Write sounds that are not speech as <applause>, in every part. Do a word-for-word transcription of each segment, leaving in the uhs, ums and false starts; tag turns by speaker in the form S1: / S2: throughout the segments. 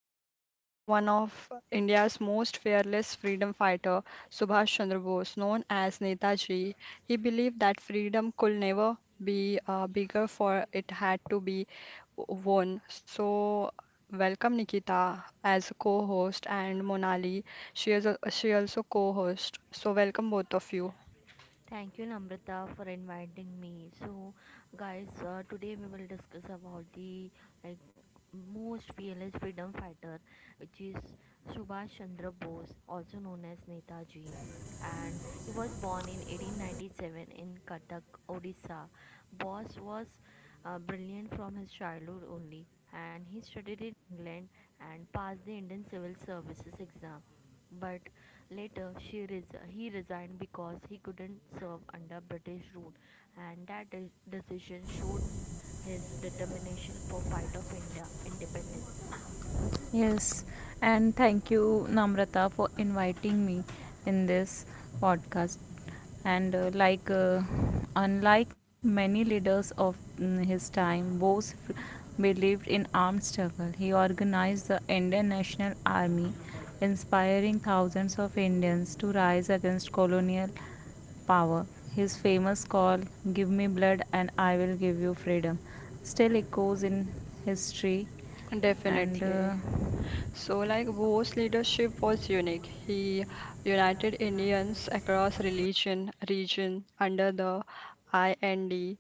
S1: We are talking about one of India's most fearless freedom fighter, Subhash Chandra Bose, known as Netaji. He believed that freedom could never be uh, bigger for it had to be w- won. So welcome Nikita as a co-host and Monali. She is a, she also co-host. So welcome both of you.
S2: Thank you, Namrata, for inviting me. So, guys, uh, today we will discuss about the, like, most fearless freedom fighter, which is Subhash Chandra Bose, also known as Netaji, and he was born in eighteen ninety-seven in Cuttack, Odisha. Bose was uh, brilliant from his childhood only, and he studied in England and passed the Indian Civil Services exam. But later she res- he resigned because he couldn't serve under British rule, and that de- decision showed his determination for fight of India independence.
S3: Yes, and thank you, Namrata, for inviting me in this podcast. And uh, like, uh, Unlike many leaders of mm, his time, Bose f- believed in armed struggle. He organized the Indian National Army, inspiring thousands of Indians to rise against colonial power. His famous call, "Give me blood and I will give you freedom," still echoes in history, and
S1: Definitely.
S3: uh,
S1: So, like Bose's leadership was unique. He united Indians across religion region under the I N D,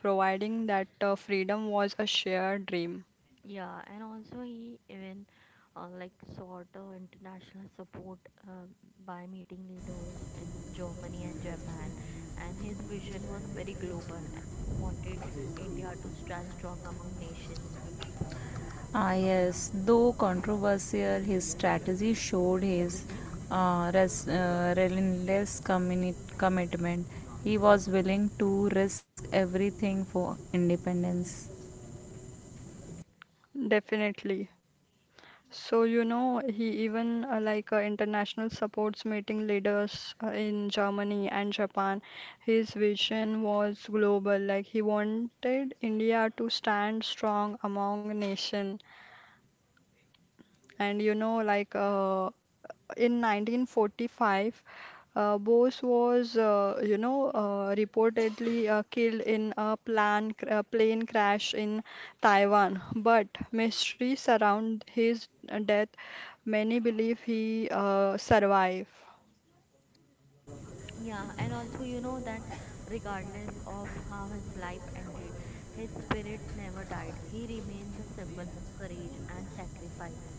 S1: providing that uh, freedom was a shared dream.
S2: Yeah, and also he even uh, like sought uh, international support uh, by meeting leaders in Germany and Japan, and his vision was very global. He wanted India to stand strong among nations.
S3: ah, yes, though controversial, his strategy showed his uh, res- uh, relentless communi- commitment. He was willing to risk everything for independence.
S1: Definitely. So, you know, he even uh, like uh, international supports meeting leaders uh, in Germany and Japan. His vision was global. Like he wanted India to stand strong among nation. And you know, like uh, in nineteen forty-five, uh, Bose was, uh, you know, uh, reportedly uh, killed in a plan cr- uh, plane crash in Taiwan. But mystery surround his uh, death. Many believe he uh, survived.
S2: Yeah, and also you know that regardless of how his life ended, his spirit never died. He remains a symbol of courage and sacrifice.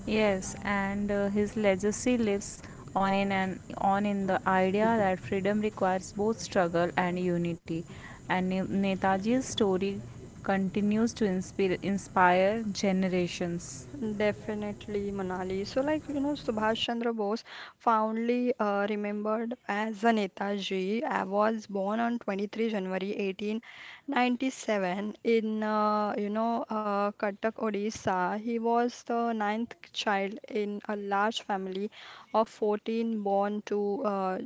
S3: Yes, and uh, his legacy lives on in an on in the idea that freedom requires both struggle and unity. And Ne- Netaji's story continues to inspire, inspire generations.
S1: Definitely, Manali. So, like, you know, Subhash Chandra Bose, fondly uh, remembered as a Netaji, uh, was born on twenty-third of January eighteen ninety-seven in, uh, you know, uh, Cuttack, Odisha. He was the ninth child in a large family of fourteen born to uh,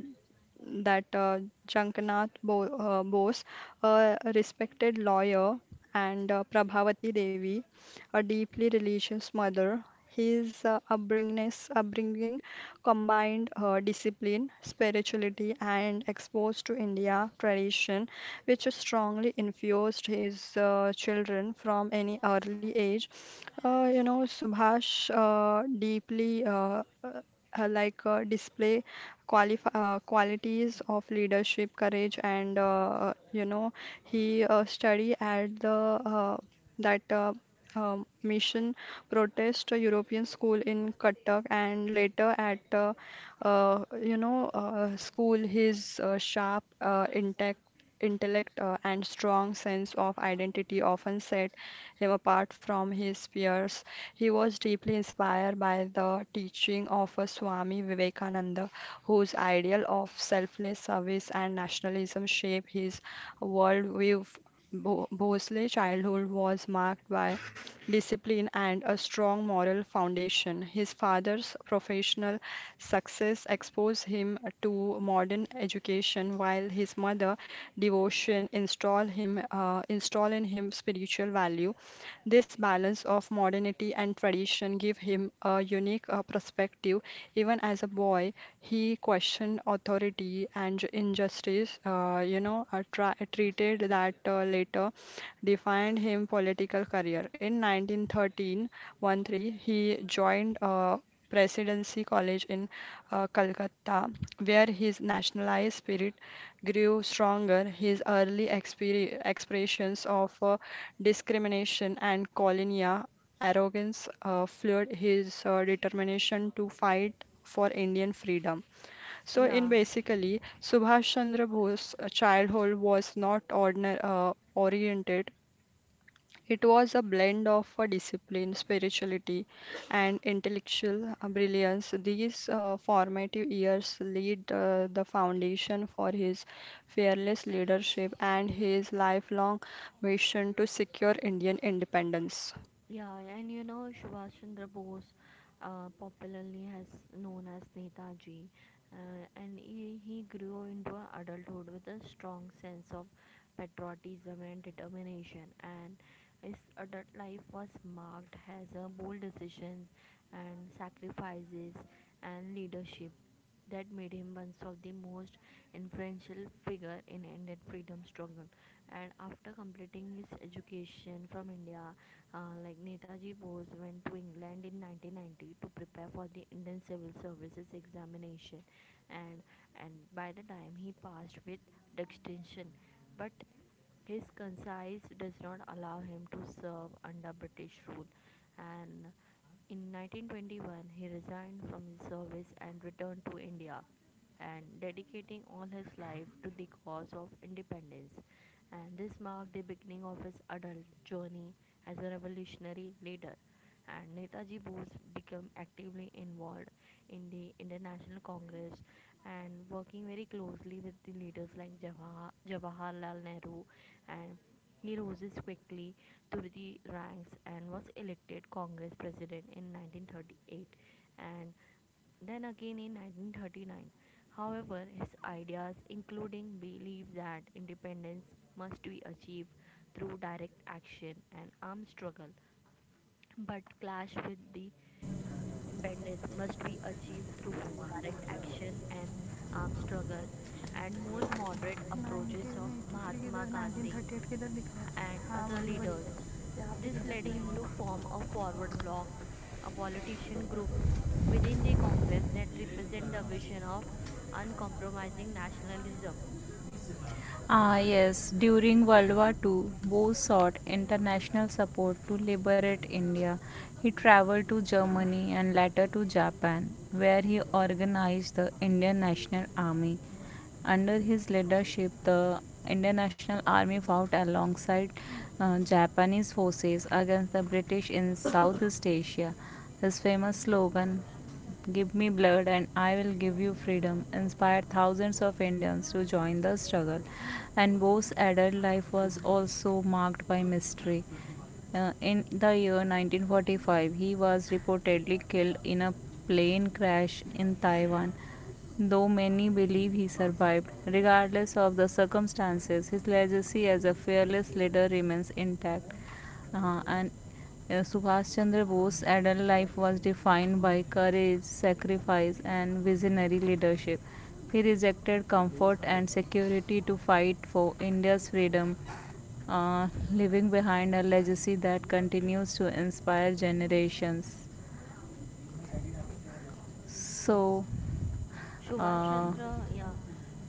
S1: that uh, Jankanath Bo uh, Bose, a respected lawyer, and uh, Prabhavati Devi, a deeply religious mother. His uh, upbringing, upbringing combined uh, discipline, spirituality, and exposed to India tradition, which strongly influenced his uh, children from any early age. Uh, you know, Subhash uh, deeply uh, uh, uh, like uh, display qualif uh, qualities of leadership, courage, and uh, you know he uh, study at the uh, that uh, um, mission protest a European school in Cuttack and later at uh, uh, you know uh, school his uh, sharp uh, intellect intellect uh, and strong sense of identity often set him apart from his peers. He was deeply inspired by the teaching of a Swami Vivekananda, whose ideal of selfless service and nationalism shaped his worldview. Bo- Bosley's childhood was marked by discipline and a strong moral foundation. His father's professional success exposed him to modern education, while his mother's devotion installed him uh, installed in him spiritual value. This balance of modernity and tradition give him a unique uh, perspective. Even as a boy, he questioned authority and ju- injustice, uh, you know, uh, tra- treated that uh, later defined him political career. In nineteen thirteen, thirteen, one three, he joined uh, Presidency College in uh, Calcutta, where his nationalized spirit grew stronger, his early exper- expressions of uh, discrimination and colonial arrogance uh, fueled his uh, determination to fight for Indian freedom. So, in
S2: Yeah.
S1: basically, Subhash Chandra Bose's childhood was not ordinary, uh, oriented. It was a blend of a discipline, spirituality, and intellectual uh, brilliance. These uh, formative years laid uh, the foundation for his fearless leadership and his lifelong mission to secure Indian independence.
S2: Yeah, and you know, Subhash Chandra Bose, uh, popularly has known as Netaji, uh, and he, he grew into a adulthood with a strong sense of patriotism and determination. And his adult life was marked as a bold decisions and sacrifices and leadership that made him one of the most influential figure in Indian freedom struggle. And after completing his education from India, uh, like Netaji Bose went to England in nineteen ninety to prepare for the Indian Civil Services examination, and and by the time he passed with distinction, but his conscience does not allow him to serve under British rule, and in nineteen twenty-one he resigned from his service and returned to India, and dedicating all his life to the cause of independence. And this marked the beginning of his adult journey as a revolutionary leader. And Netaji Bose became actively involved in the International Congress and working very closely with the leaders like Jawahar- Jawaharlal Nehru and he rose quickly through the ranks and was elected Congress president in nineteen thirty-eight and then again in nineteen thirty-nine. However, his ideas, including belief that independence must be achieved through direct action and armed struggle, but clash with the independence must be achieved through direct action and armed struggle, and more moderate approaches of Mahatma Gandhi and other leaders. This led him to form a forward bloc, a politician group within the Congress that represent the vision of uncompromising nationalism.
S3: Ah, yes, during World War two, Bose sought international support to liberate India. He traveled to Germany and later to Japan, where he organized the Indian National Army. Under his leadership, the Indian National Army fought alongside uh, Japanese forces against the British in Southeast Asia. His famous slogan, "Give me blood and I will give you freedom," inspired thousands of Indians to join the struggle, and Bose's adult life was also marked by mystery. Uh, in the year nineteen forty-five, he was reportedly killed in a plane crash in Taiwan. Though many believe he survived, regardless of the circumstances, his legacy as a fearless leader remains intact. Uh, and uh, Subhash Chandra Bose's adult life was defined by courage, sacrifice, and visionary leadership. He rejected comfort and security to fight for India's freedom, uh, leaving behind a legacy that continues to inspire generations. So,
S2: Subhash
S3: uh,
S2: Chandra, yeah.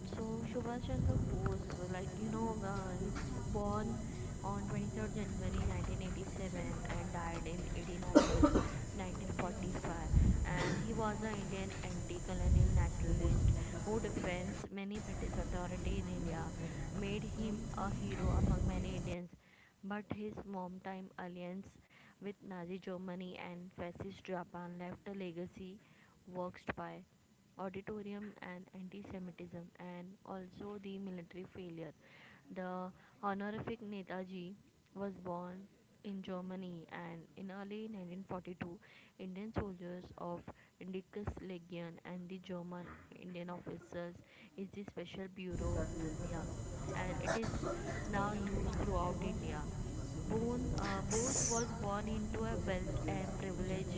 S2: So Subhash Chandra Bose, like you know, uh, is born on twenty-third January nineteen eighty-seven and died in eighteenth August nineteen forty-five. And he was an Indian anti-colonial nationalist who defends many British authority in India, made him a hero among many Indians. But his wartime alliance with Nazi Germany and fascist Japan left a legacy works by auditorium and anti-Semitism, and also the military failure. The honorific Netaji was born in Germany, and in early nineteen forty-two, Indian soldiers of Indicus Legion and the German Indian officers is the Special Bureau India, and it is now used throughout India. Bone uh, Bose was born into a wealth and privilege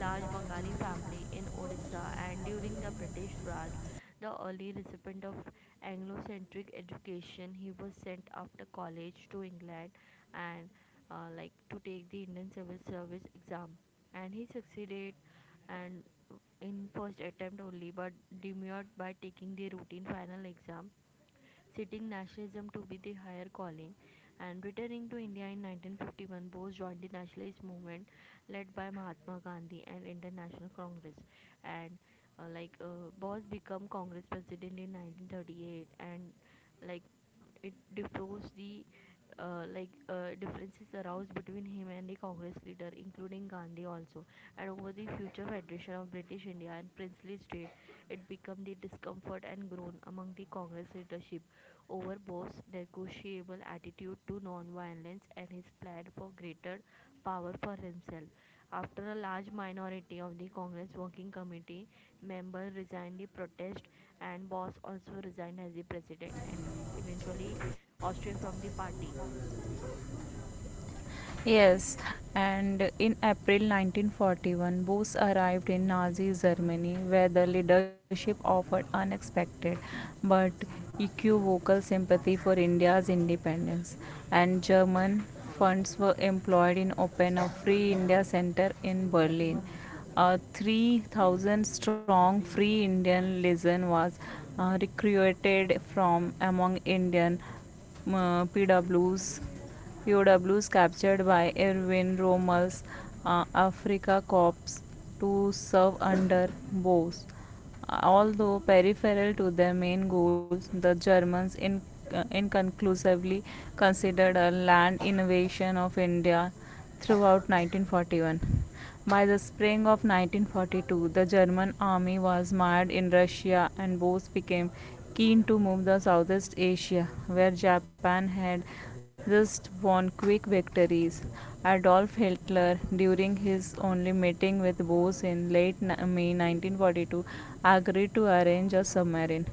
S2: large Bengali family in Odisha and during the British Raj, the early recipient of Anglo-centric education, he was sent after college to England and uh, like to take the Indian Civil Service exam and he succeeded and in first attempt only but demurred by taking the routine final exam citing nationalism to be the higher calling. And returning to India in nineteen fifty-one, Bose joined the nationalist movement led by Mahatma Gandhi and International Congress. And uh, like uh, Bose became Congress president in nineteen thirty-eight, and like it differs the, uh, like, uh, differences aroused between him and the Congress leader, including Gandhi also, and over the future federation of British India and princely state, it became the discomfort and groan among the Congress leadership over Bose's negotiable attitude to nonviolence and his plan for greater power for himself. After a large minority of the Congress Working Committee members resigned the protest, and Bose also resigned as the president and eventually ousted from the party.
S3: yes, and in April nineteen forty-one, Bose arrived in Nazi Germany, where the leadership offered unexpected but equivocal sympathy for India's independence, and German funds were employed in open a Free India Center in Berlin. A three thousand strong Free Indian legion was uh, recruited from among Indian uh, PWs P O Ws captured by Erwin Rommel's uh, Africa Corps to serve under Boers. Although peripheral to their main goals, the Germans in, uh, inconclusively considered a land invasion of India throughout nineteen forty-one. By the spring of nineteen forty-two, the German army was mired in Russia, and both became keen to move to Southeast Asia, where Japan had just won quick victories. Adolf Hitler, during his only meeting with Boss in late May nineteen forty-two, agreed to arrange a submarine.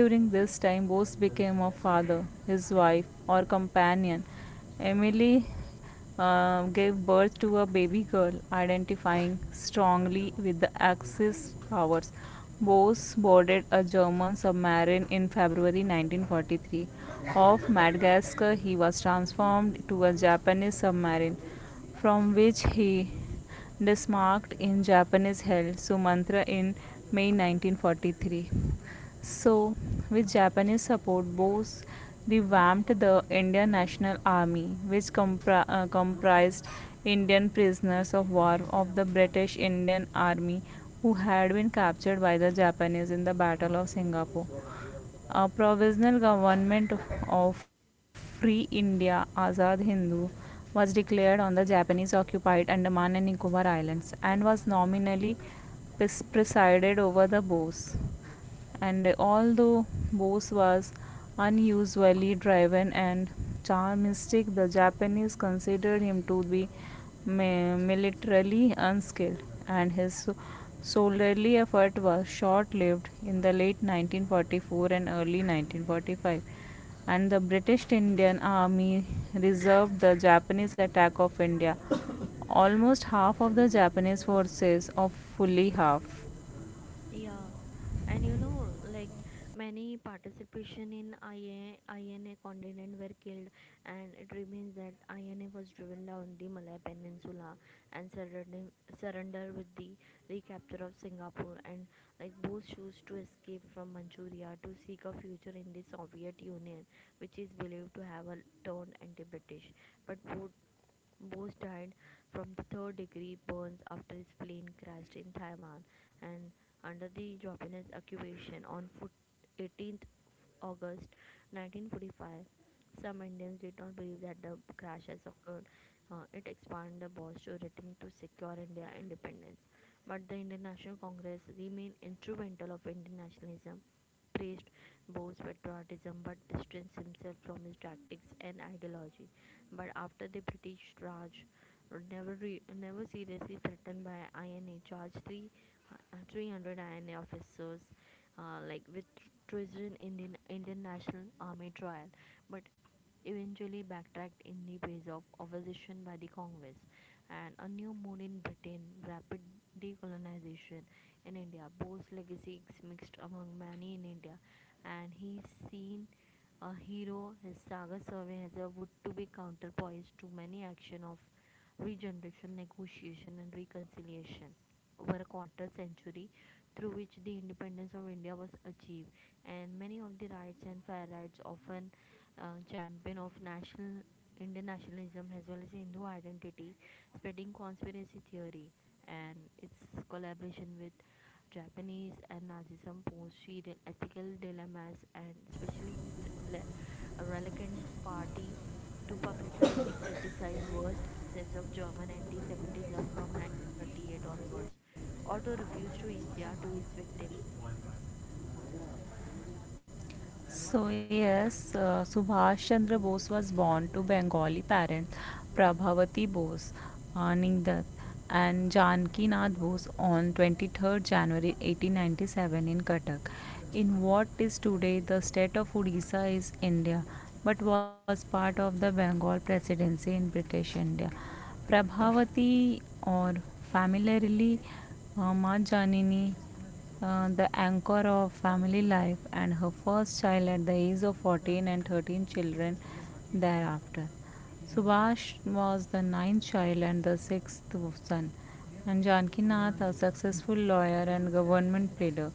S3: During this time, Bose became a father, his wife, or companion. Emily uh, gave birth to a baby girl, identifying strongly with the Axis powers. Bose boarded a German submarine in February nineteen forty-three. Off Madagascar, he was transformed to a Japanese submarine, from which he it is marked in Japanese held Sumantra in May nineteen forty-three. So, with Japanese support, Bose revamped the Indian National Army, which compri- uh, comprised Indian prisoners of war of the British Indian Army who had been captured by the Japanese in the Battle of Singapore. A provisional government of Free India Azad Hindu was declared on the Japanese occupied Andaman and Nicobar Islands and was nominally presided over the Bose, and although Bose was unusually driven and charmistic, the Japanese considered him to be militarily unskilled, and his soldierly effort was short lived in the late nineteen forty-four and early nineteen forty-five. And the British Indian Army reserved the Japanese attack of India. <coughs> Almost half of the Japanese forces, of fully half.
S2: Yeah, and you know, like many participation in I A I N A continent were killed, and it remains that I N A was driven down the Malay Peninsula and surrendered surrender with the recapture of Singapore, and like both chose to escape from Manchuria to seek a future in the Soviet Union, which is believed to have a turned anti-British, but both Bose died from the third degree burns after his plane crashed in Taiwan and under the Japanese occupation on foot- eighteenth August nineteen forty-five. Some Indians did not believe that the crash has occurred. Uh, it expanded the Bosch rating to secure India independence. But the Indian National Congress remained instrumental of Indian nationalism praised Bose's patriotism but distanced himself from his tactics and ideology. But after the British Raj, never, re- never seriously threatened by I N A, charged three, uh, three hundred I N A officers uh, like with treason in the Indian National Army trial, but eventually backtracked in the face of opposition by the Congress and a new mood in Britain, rapid decolonization, in India. Bose's legacy is mixed among many in India, and he is seen a hero. His saga serves as a would to be counterpoise to many action of regeneration, negotiation, and reconciliation over a quarter century through which the independence of India was achieved and many of the rights and fair rights often uh, champion of national Indian nationalism as well as Hindu identity, spreading conspiracy theory and its collaboration with Japanese and Nazism posed serial ethical dilemmas and especially le- a reluctant party to publicize the criticized worst excess of German anti-Semitism from nineteen thirty-eight onwards, or to refuse to India to its victim.
S3: So, yes, uh, Subhash Chandra Bose was born to Bengali parents Prabhavati Bose, uh, Ningdat, and Janki Nath Bose on twenty-third January eighteen ninety-seven in Cuttack. In what is today the state of Odisha is India, but was part of the Bengal Presidency in British India. Prabhavati, or familiarly uh, Ma Janini, uh, the anchor of family life, and her first child at the age of fourteen and thirteen children thereafter. Subhash was the ninth child and the sixth son. And Janki, a successful lawyer and government pleader,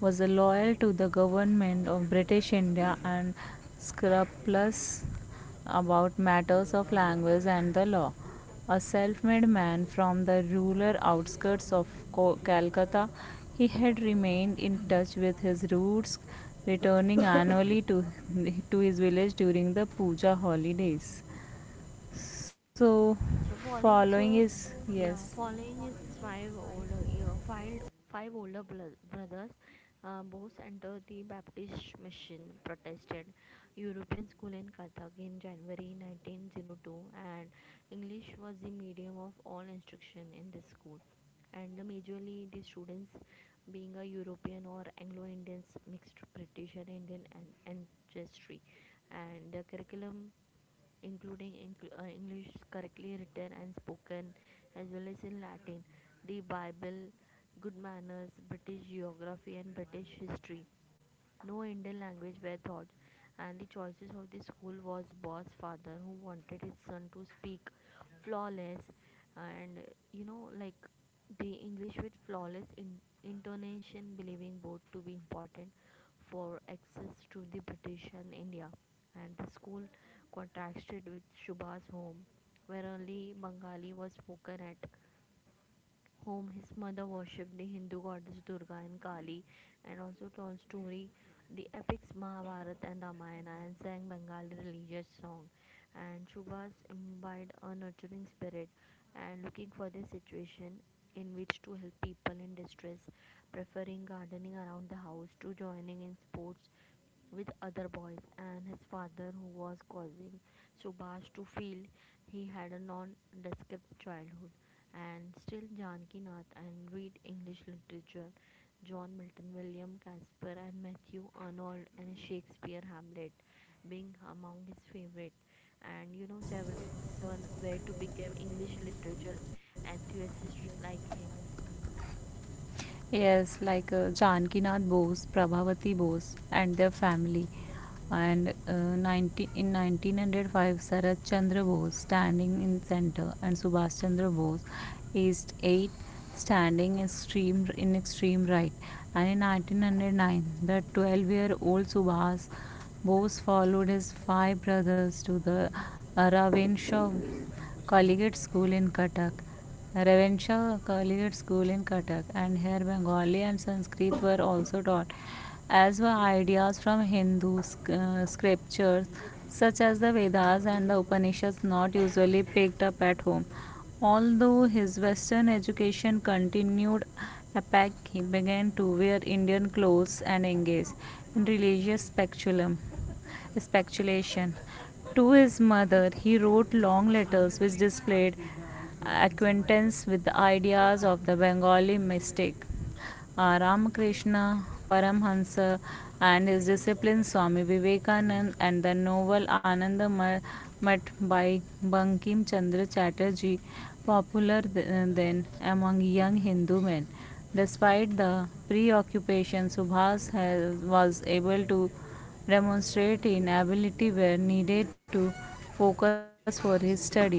S3: was loyal to the government of British India and scrupulous about matters of language and the law. A self made man from the rural outskirts of Co- Calcutta, he had remained in touch with his roots, returning <laughs> annually to, to his village during the puja holidays. So,
S2: So falling,
S3: following
S2: so
S3: his,
S2: yeah,
S3: yes.
S2: falling is five older, yeah, five five older bro- brothers. Uh, both entered the Baptist mission, protested European school in Cuttack in January nineteen oh two, and English was the medium of all instruction in this school. And the majorly the students being a European or Anglo-Indians, mixed British and Indian an- ancestry and the curriculum including incl- uh, English correctly written and spoken, as well as in Latin, the Bible, good manners, British geography, and British history. No Indian language were taught, and the choices of the school was Boss father who wanted his son to speak flawless and you know like the English with flawless in- intonation, believing both to be important for access to the British and India. And the school contrasted with Shubha's home, where only Bengali was spoken at home. His mother worshipped the Hindu goddess Durga and Kali and also told story the epics Mahabharata and Ramayana and sang Bengali religious song and Subhas imbibed a nurturing spirit and looking for the situation in which to help people in distress preferring gardening around the house to joining in sports with other boys and his father who was causing Subhas to feel he had a non-descript childhood and still Janakinath and read English literature, John Milton, William Casper, and Matthew Arnold and Shakespeare Hamlet being among his favorite. And you know, several son were to become English literature enthusiasts like him.
S3: Yes, like uh, Janakinath Bose, Prabhavati Bose, and their family. And uh, 19, in nineteen oh five, Sarat Chandra Bose standing in center, and Subhash Chandra Bose, East eight, standing extreme in extreme right. And in nineteen oh nine, the twelve-year-old Subhash Bose followed his five brothers to the Aravind Shaw Collegiate School in Cuttack Ravenisha collegiate school in Cuttack, and here Bengali and Sanskrit were also taught, as were ideas from Hindu uh, scriptures such as the Vedas and the Upanishads, not usually picked up at home. Although his Western education continued, Apak he began to wear Indian clothes and engage in religious speculum, speculation. To his mother, he wrote long letters which displayed acquaintance with the ideas of the Bengali mystic uh, Ramakrishna Paramhansa and his discipline Swami Vivekanand and the novel Ananda Ma- Math by Bankim Chandra Chatterjee, popular then among young Hindu men. Despite the preoccupation, Subhas has, was able to demonstrate in ability where needed to focus for his studies,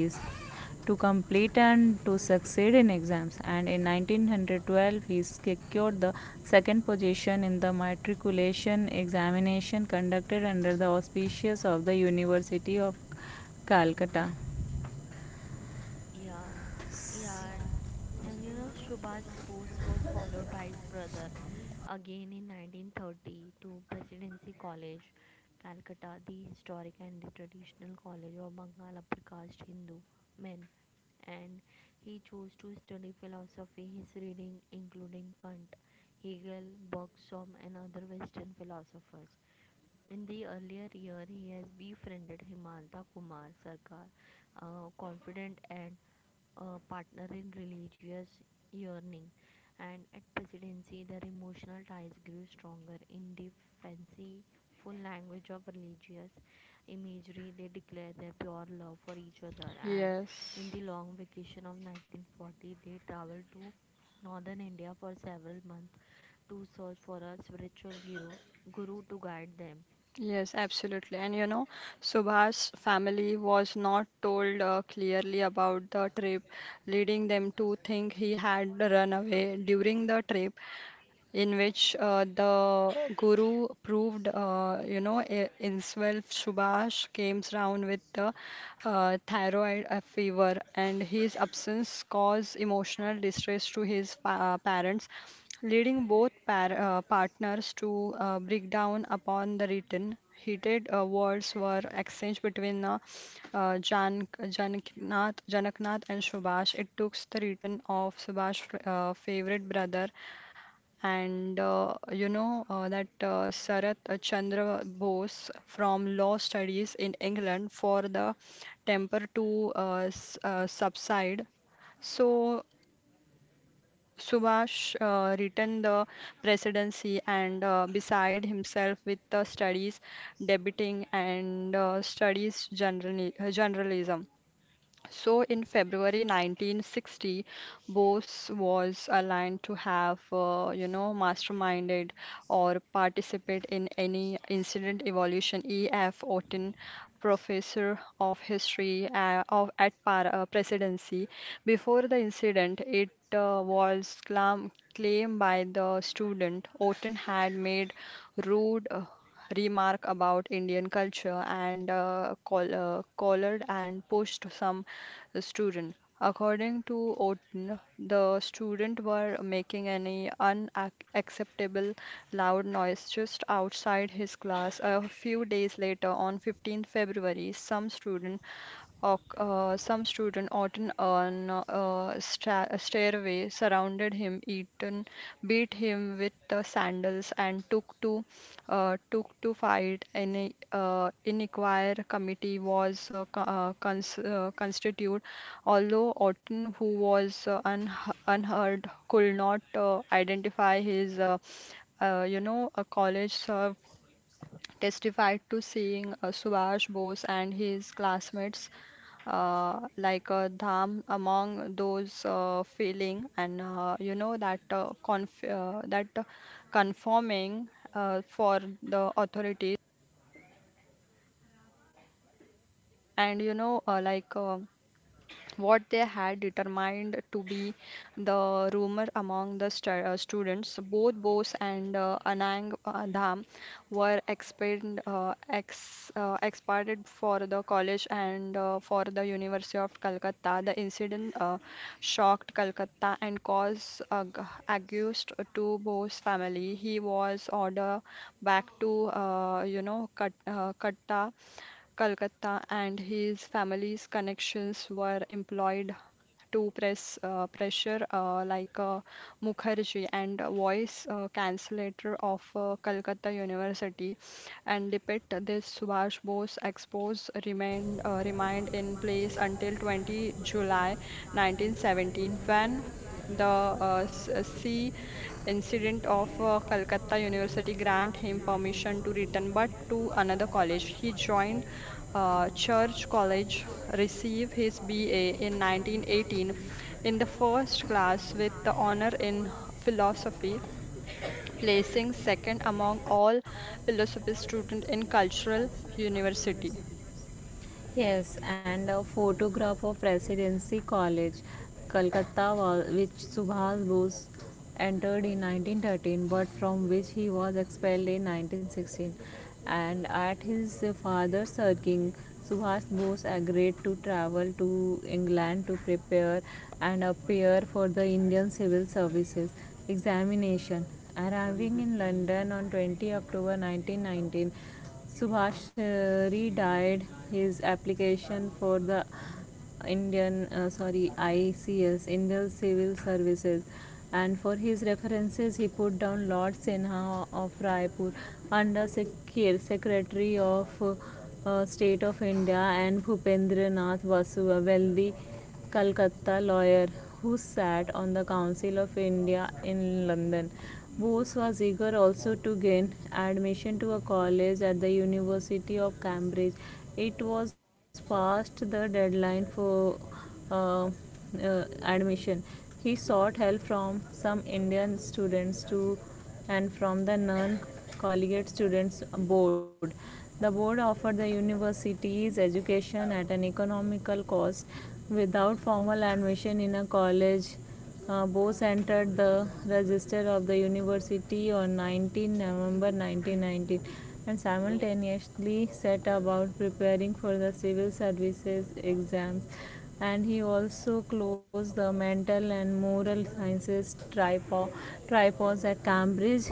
S3: to complete and to succeed in exams, and in nineteen twelve he secured the second position in the matriculation examination conducted under the auspices of the University of Calcutta.
S2: Yeah, yeah. And you know, Shubha's post was followed by his brother again in nineteen thirty to Presidency College, Calcutta, the historic and the traditional college of Bengal upper caste Hindu men. And he chose to study philosophy, his reading including Kant, Hegel, Bergson, and other Western philosophers. In the earlier year, he has befriended Himanta Kumar Sarkar, a confident and uh, partner in religious yearning, and at presidency, their emotional ties grew stronger. In the fanciful language of religious imagery, they declared their pure love for each other. And in
S1: Yes.
S2: the long vacation of nineteen forty, they traveled to northern India for several months to search for a spiritual guru, guru to guide them.
S1: Yes, absolutely. And you know, Subhash's family was not told uh, clearly about the trip, leading them to think he had run away. During the trip, in which uh, the guru proved, uh, you know, i- himself Subhash came round with the uh, thyroid uh, fever, and his absence caused emotional distress to his pa- uh, parents, leading both par uh, partners to uh, break down upon the return. Heated uh, words were exchanged between uh, uh, Jan Janaknath, Janaknath and Subhash. It took the return of Subhash's uh, favorite brother and uh, you know uh, that uh, Sarath Chandra Bose from Law Studies in England for the temper to uh, s- uh, subside. So Subhash uh, returned the presidency and uh, beside himself with the studies debating and uh, studies generally, journalism. So in February nineteen sixty, Bose was aligned to have, uh, you know, masterminded or participate in any incident evolution. E F. Otten, professor of history uh, of, at Par uh, Presidency, before the incident, it uh, was clam- claimed by the student Otten had made rude uh, remark about Indian culture and uh, call, uh, collared and pushed some the student. According to Oden, the student were making any unacceptable loud noise just outside his class. A few days later, on fifteenth of February, some student Oc- Uh, some student often on a sta stairway surrounded him, eaten, beat him with the sandals, and took to uh, took to fight. An uh, inquiry committee was uh, co- uh, cons uh, constituted, although Orton, who was uh, un unheard, could not uh, identify his uh, uh, you know, a college served testified to seeing uh, Subhash Bose and his classmates uh, like a Dham among those uh, feeling and uh, you know that uh, conf uh, that uh, conforming uh, for the authorities and you know uh, like uh, what they had determined to be the rumor among the stu- uh, students. Both Bose and uh, Anang uh, Dham were expand, uh, ex, uh, expanded for the college and uh, for the University of Calcutta. The incident uh, shocked Calcutta and caused ag- accused to Bose family. He was ordered back to uh, you know Cut- uh, Katta Calcutta, and his family's connections were employed to press uh, pressure uh, like uh, Mukherjee and a voice uh, translator of uh, Calcutta University and depict this Subhash Bose expose remained uh, remained in place until twentieth of July nineteen seventeen when the uh, s- uh, sea incident of uh, Calcutta University grant him permission to return but to another college he joined uh, Church College, receive his B A in nineteen eighteen in the first class with the honor in philosophy, placing second among all philosophy students in Cultural University.
S3: Yes, and a photograph of Residency College, Calcutta, wa- which Subhas Bose entered in nineteen thirteen but from which he was expelled in nineteen sixteen. And at his father's urging, Subhas Bose agreed to travel to England to prepare and appear for the Indian Civil Services examination. Arriving in London on twentieth October nineteen nineteen, Subhash uh, redired his application for the Indian uh, sorry I C S, Indian Civil Services, and for his references he put down Lord Sinha of Raipur, under Secre- Secretary of uh, uh, State of India, and Bhupendra Nath Basu, a wealthy Calcutta lawyer who sat on the Council of India in London. Bose was eager also to gain admission to a college at the University of Cambridge. It was past the deadline for uh, uh, admission. He sought help from some Indian students to and from the non collegiate students board. The board offered the universities education at an economical cost without formal admission in a college. uh, Bose entered the register of the university on nineteenth of November nineteen nineteen and simultaneously set about preparing for the civil services exams, and he also closed the mental and moral sciences tripo- tripos at Cambridge,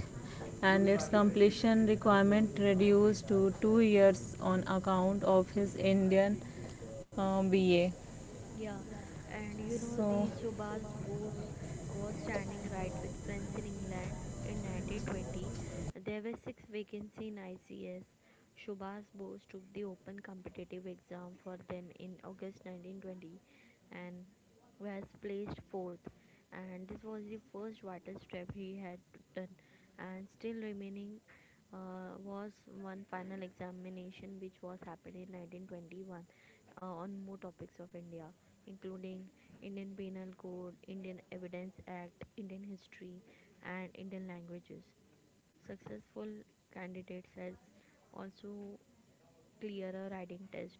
S3: and its completion requirement reduced to two years on account of his Indian uh, B A.
S2: Yeah, and you know
S3: So,
S2: the Subhas Bose was standing right with friends in England in nineteen twenty. There were six vacancies in I C S. Subhas Bose took the open competitive exam for them in August nineteen twenty, and was placed fourth, and this was the first vital step he had done. And still remaining uh, was one final examination, which was happened in nineteen twenty-one uh, on more topics of India, including Indian Penal Code, Indian Evidence Act, Indian history, and Indian languages. Successful candidates has also Clearer riding test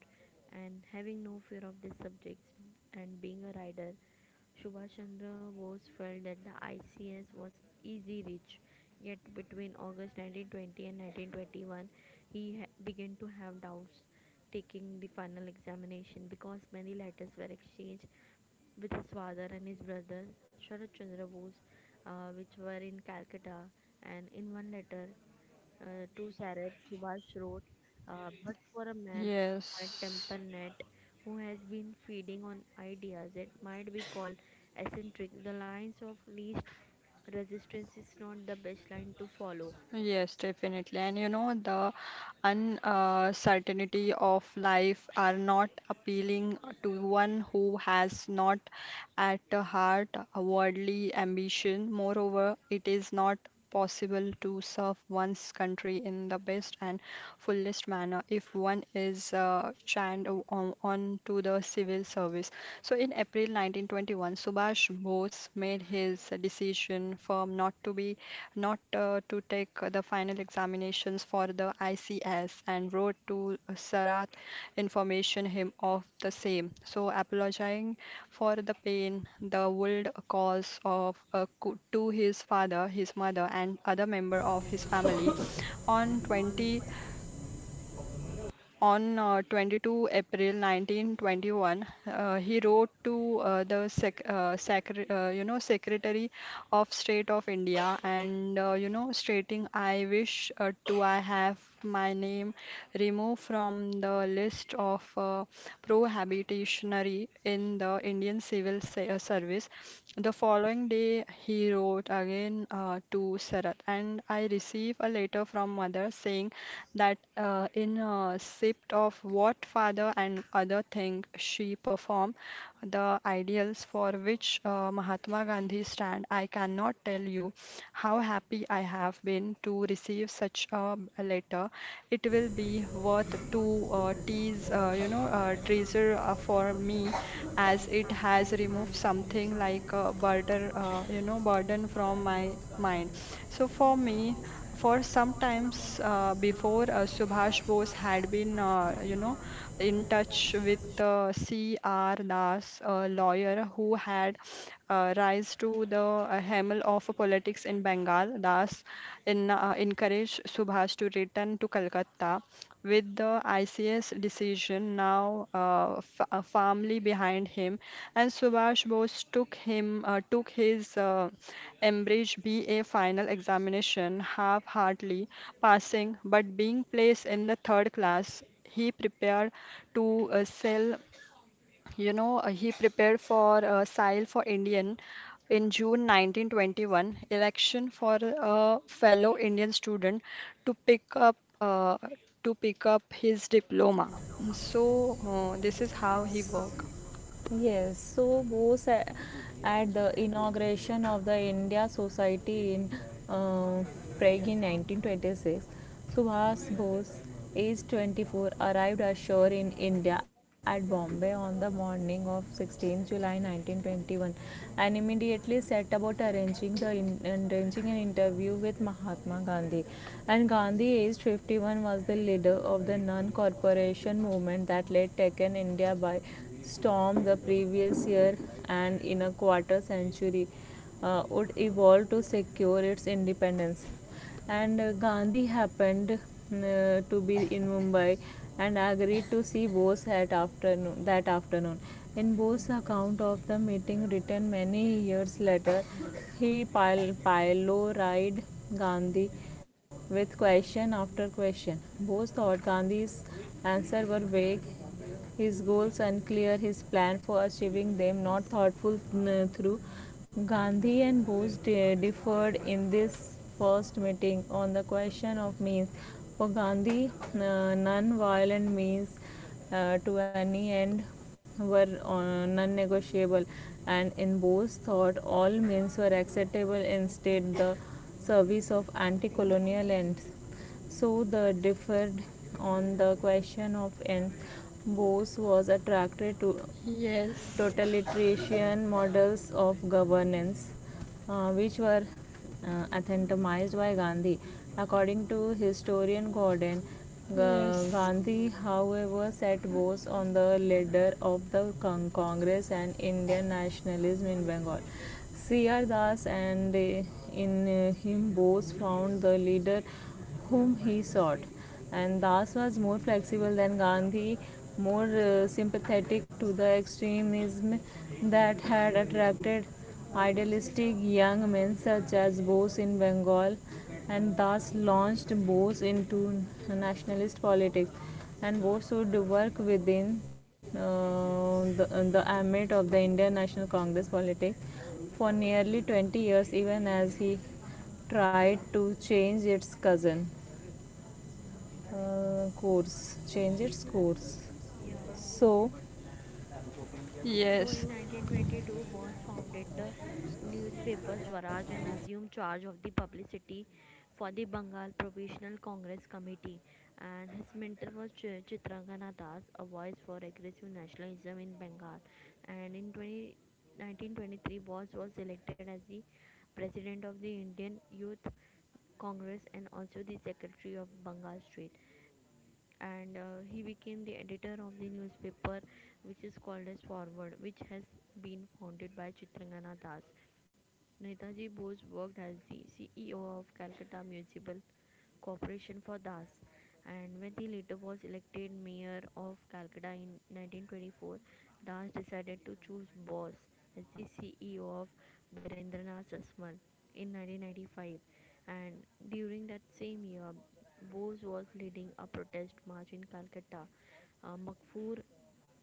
S2: and having no fear of these subjects and being a rider Subhash Chandra Bose felt that the ICS was easy reach yet between August nineteen twenty and nineteen twenty-one he ha- began to have doubts taking the final examination because many letters were exchanged with his father and his brother Sharad Chandra Bose, uh, which were in Calcutta. And in one letter, uh, to Sarat, Subhash wrote, uh, but for a man of my
S1: Yes.
S2: temperament who has been feeding on ideas that might be called eccentric, the lines of least resistance is not the best line to follow.
S1: Yes, definitely. And you know, the uncertainty of life are not appealing to one who has not at the heart a worldly ambition. Moreover, it is not possible to serve one's country in the best and fullest manner if one is uh, channed o- on, on to the civil service. So in April nineteen twenty-one, Subhash Bose made his decision firm not to be not uh, to take the final examinations for the I C S and wrote to Sarat information him of the same. So apologizing for the pain the would cause of uh, co- to his father, his mother, and other member of his family. On twenty on uh, twenty-second of April nineteen twenty-one, uh, he wrote to uh, the sec uh, secre uh, you know Secretary of State of India and uh, you know stating I wish uh, to I have my name removed from the list of uh, prohibitionary in the Indian civil se- uh, service. The following day, he wrote again uh, to Sarat, and I received a letter from mother saying that uh, in a sipped of what father and other thing she performed, the ideals for which uh, Mahatma Gandhi stand. I cannot tell you how happy I have been to receive such a letter. It will be worth to uh, tease, uh, you know, uh, treasure uh, for me, as it has removed something like a burden, uh, you know, burden from my mind. So for me. For some times uh, before, uh, Subhash Bose had been, uh, you know, in touch with uh, C R. Das, a lawyer who had uh, rise to the uh, helm of politics in Bengal. Das in, uh, encouraged Subhash to return to Calcutta with the I C S decision now uh, f- uh, firmly behind him, and Subhash Bose took him uh, took his uh, Cambridge B A final examination half-heartedly, passing but being placed in the third class. He prepared to uh, sell you know, uh, he prepared for uh, Sile for Indian in June nineteen twenty-one election for a fellow Indian student to pick up uh, to pick up his diploma. So uh, this is how he worked.
S3: yes, so Bose a- at the inauguration of the India Society in uh, Prague in nineteen twenty-six, Subhas Bose, aged twenty-four, arrived ashore in India at Bombay on the morning of sixteenth of July nineteen twenty-one and immediately set about arranging, the in, arranging an interview with Mahatma Gandhi. And Gandhi, aged fifty-one, was the leader of the non corporation movement that led Taken India by storm the previous year, and in a quarter century uh, would evolve to secure its independence. And uh, Gandhi happened uh, to be in Mumbai and agreed to see Bose that afternoon. That afternoon. In Bose's account of the meeting, written many years later, he pil- pyloried Gandhi with question after question. Bose thought Gandhi's answers were vague, his goals unclear, his plan for achieving them not thoughtful mm, through. Gandhi and Bose differed in this first meeting on the question of means. For Gandhi, uh, non-violent means uh, to any end were uh, non-negotiable, and in Bose thought all means were acceptable instead the service of anti-colonial ends, so the differed on the question of, and Bose was attracted to
S1: Yes,
S3: totalitarian models of governance, uh, which were uh, anathematized by Gandhi. According to historian Gordon,
S1: yes,
S3: Gandhi, however, set Bose on the ladder of the con- Congress and Indian nationalism in Bengal. C R. Das, and uh, in uh, him Bose found the leader whom he sought. And Das was more flexible than Gandhi, more uh, sympathetic to the extremism that had attracted idealistic young men such as Bose in Bengal, and thus launched Bose into nationalist politics. And Bose would work within uh, the, the ambit of the Indian National Congress politics for nearly twenty years, even as he tried to change its cousin uh, course change its course
S2: Yeah.
S3: So,
S2: So
S1: yes,
S2: in nineteen twenty-two, Bose founded the newspaper Swaraj and assumed charge of the publicity for the Bengal Provisional Congress Committee. And his mentor was Ch- Chitrangana Das, a voice for aggressive nationalism in Bengal. And in 20, nineteen twenty-three, Bose was elected as the president of the Indian Youth Congress and also the secretary of Bengal State, and uh, he became the editor of the newspaper which is called as Forward, which has been founded by Chitrangana Das. Netaji Bose worked as the C E O of Calcutta Municipal Corporation for Das, and when he later was elected mayor of Calcutta in nineteen twenty-four, Das decided to choose Bose as the C E O of Birendranath Sasmal in nineteen ninety-five. And during that same year, Bose was leading a protest march in Calcutta. Uh, Magfoor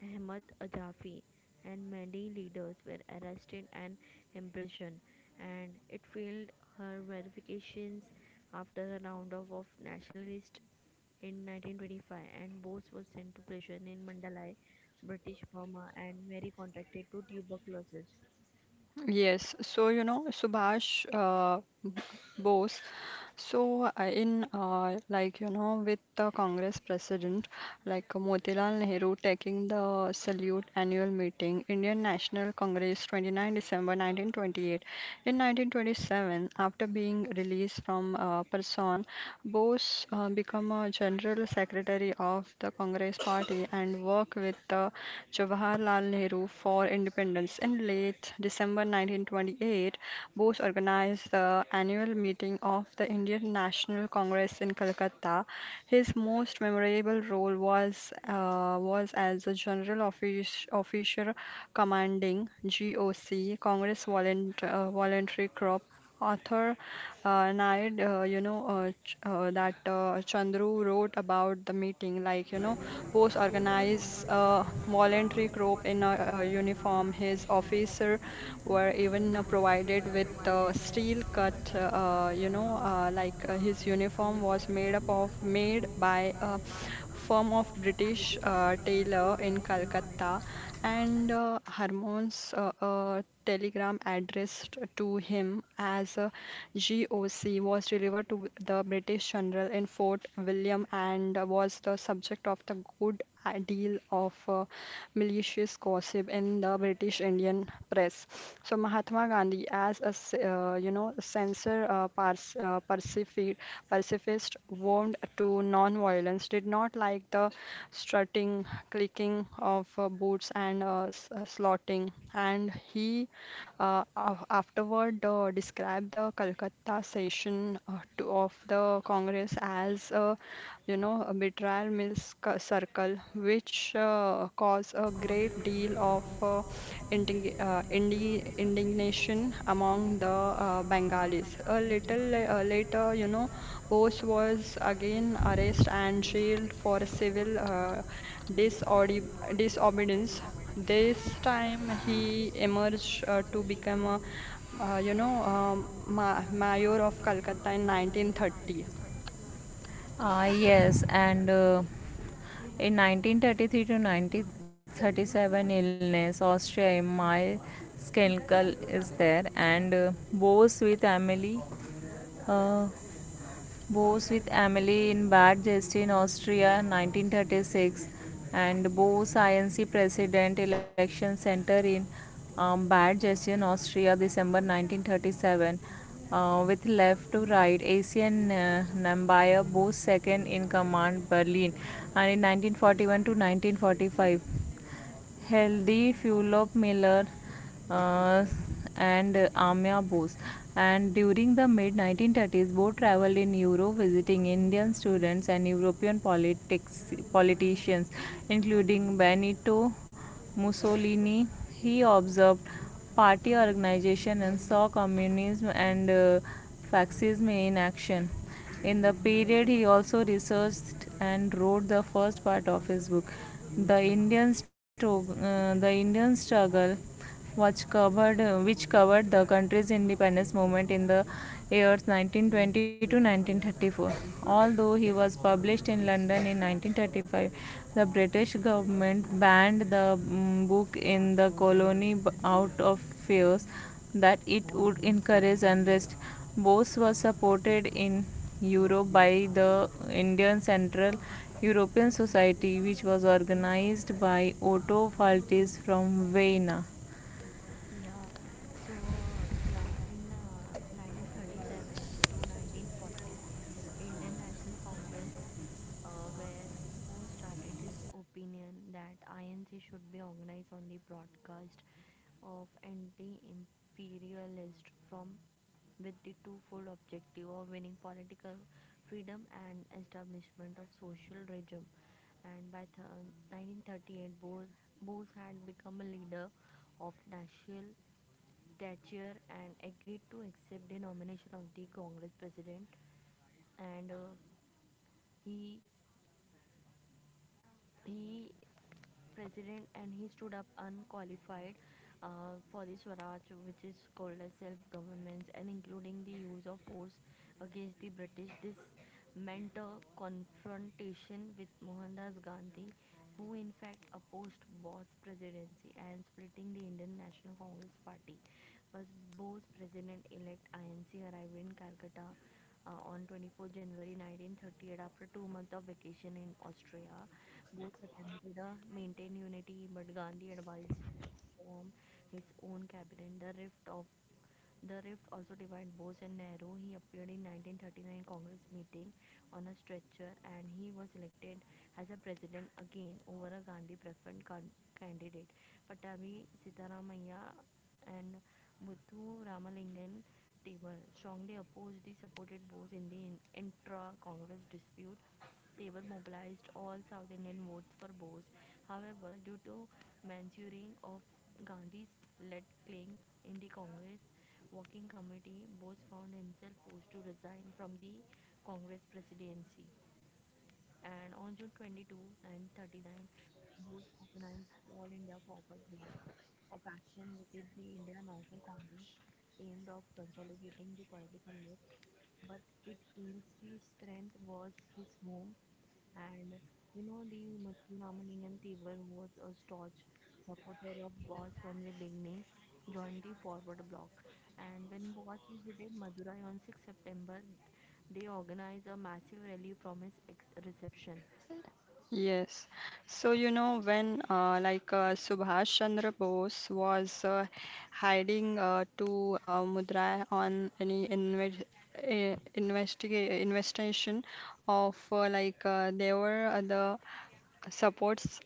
S2: Ahmad Ajafi and many leaders were arrested and imprisoned, and it failed her verifications after a round of, of nationalists in nineteen twenty-five, and Bose was sent to prison in Mandalay, British Burma, and Mary contracted to tuberculosis.
S1: yes. So you know, Subhash, uh, Bose. So, uh, in uh, like you know, with the Congress president like uh, Motilal Nehru taking the salute annual meeting, Indian National Congress, 29 December nineteen twenty-eight. In nineteen twenty-seven, after being released from uh, prison, Bose uh, became a general secretary of the Congress party and work with uh, Jawaharlal Nehru for independence. Times in late December nineteen twenty-eight, Bose organized the annual meeting of the Indian National Congress in Calcutta. His most memorable role was uh, was as a general office, officer commanding G O C Congress Volunt- uh, Voluntary Corps author uh, Nair, uh, you know, uh, ch- uh, that uh, Chandru wrote about the meeting, like, you know, Post organized a voluntary group in a, uh uniform. His officer were even uh, provided with uh, steel cut, uh, you know, uh, like uh, his uniform was made up of, made by a firm of British uh, tailor in Calcutta and uh, Harmon's uh, uh, telegram addressed to him as a G O C was delivered to the British general in Fort William and was the subject of the good deal of uh, malicious gossip in the British Indian press. So Mahatma Gandhi, as a s- uh, you know censor uh, pars- uh, pacifi- pacifist, warmed to non-violence, did not like the strutting, clicking of uh, boots and uh, s- uh, slaughtering, and he uh, af- afterward, uh, described the Calcutta session uh, to, of the Congress as a, you know, a betrayal mills c- circle, which uh, caused a great deal of uh, indig uh, indi indignation among the uh, Bengalis. A little la- uh, later, you know, Bose was again arrested and jailed for civil uh, disordi- disobedience. This time he emerged uh, to become a, uh, you know, um, ma mayor of Calcutta in nineteen thirty.
S3: Uh, yes, and uh, in nineteen thirty-three to nineteen thirty-seven illness, Austria, my Skenkel is there, and uh, Bose with Emily. Uh, Bose with Emily in Bad Justin, Austria, nineteen thirty-six, and Bose I N C President Election Center in um, Bad Justin, Austria, December nineteen thirty-seven, uh, with left to right Asian uh, Namibia, both second in command, Berlin, and in nineteen forty-one to nineteen forty-five healthy the Fulop Miller uh, and uh, Amya Bose, and during the mid nineteen thirties both traveled in Europe visiting Indian students and European politics politicians, including Benito Mussolini. He observed party organization and saw communism and uh, fascism in action. In the period, he also researched and wrote the first part of his book, The Indian, Stro- uh, the Indian Struggle was covered, uh, which covered the country's independence movement in the years nineteen twenty to nineteen thirty-four. Although he was published in London in nineteen thirty-five, the British government banned the mm, book in the colony out of fears that it would encourage unrest. Bose was supported in Europe by the Indian Central European Society, which was organized by Otto Faltis from Vienna.
S2: Yeah, so yeah, in uh, nineteen thirty-seven to nineteen forty, Indian National Congress, uh, where Bose started his opinion that I N C should be organized on the broadcast of anti-imperialist from with the twofold objective of winning political freedom and establishment of social regime. And by th- nineteen thirty-eight, Bose, Bose had become a leader of national stature and agreed to accept the nomination of the Congress president. And uh, he he president and he stood up unqualified uh, for the Swaraj, which is called as self-government, and including the use of force against the British. This meant a confrontation with Mohandas Gandhi, who in fact opposed Bose presidency and splitting the Indian National Congress Party. But Bose president-elect I N C arrived in Calcutta uh, on twenty-fourth of January nineteen thirty-eight after two months of vacation in Austria. Both attempted to maintain unity, but Gandhi advised form his own cabinet. The rift of the rift also divided Bose and Nehru. He appeared in nineteen thirty-nine Congress meeting on a stretcher, and he was elected as a president again over a Gandhi preferred can- candidate, Patabi Sitaramaiah and Muthu Ramalingan table strongly opposed the supported Bose in the intra Congress dispute. Table mobilized all South Indian votes for Bose. However, due to manchuring of Gandhi's lead claim in the Congress Working Committee, Bose found himself forced to resign from the Congress presidency, and on June twenty-second, nineteen thirty-nine, Bose organized All India Forward Bloc of Action, which is the India National Congress, aimed of consolidating the political left, but its aims the strength was his home. And you know, the Muthu Ramalingam Tiwar, who was a staunch supporter of Boss from the beginning, joined the forward block. And when Boss visited Madurai on sixth of September, they organized a massive rally from his ex- reception.
S1: Yes. So, you know, when uh, like uh, Subhash Chandra Bose was uh, hiding uh, to uh, Mudra on any inve uh, investigate investigation of uh, like uh, there were other supports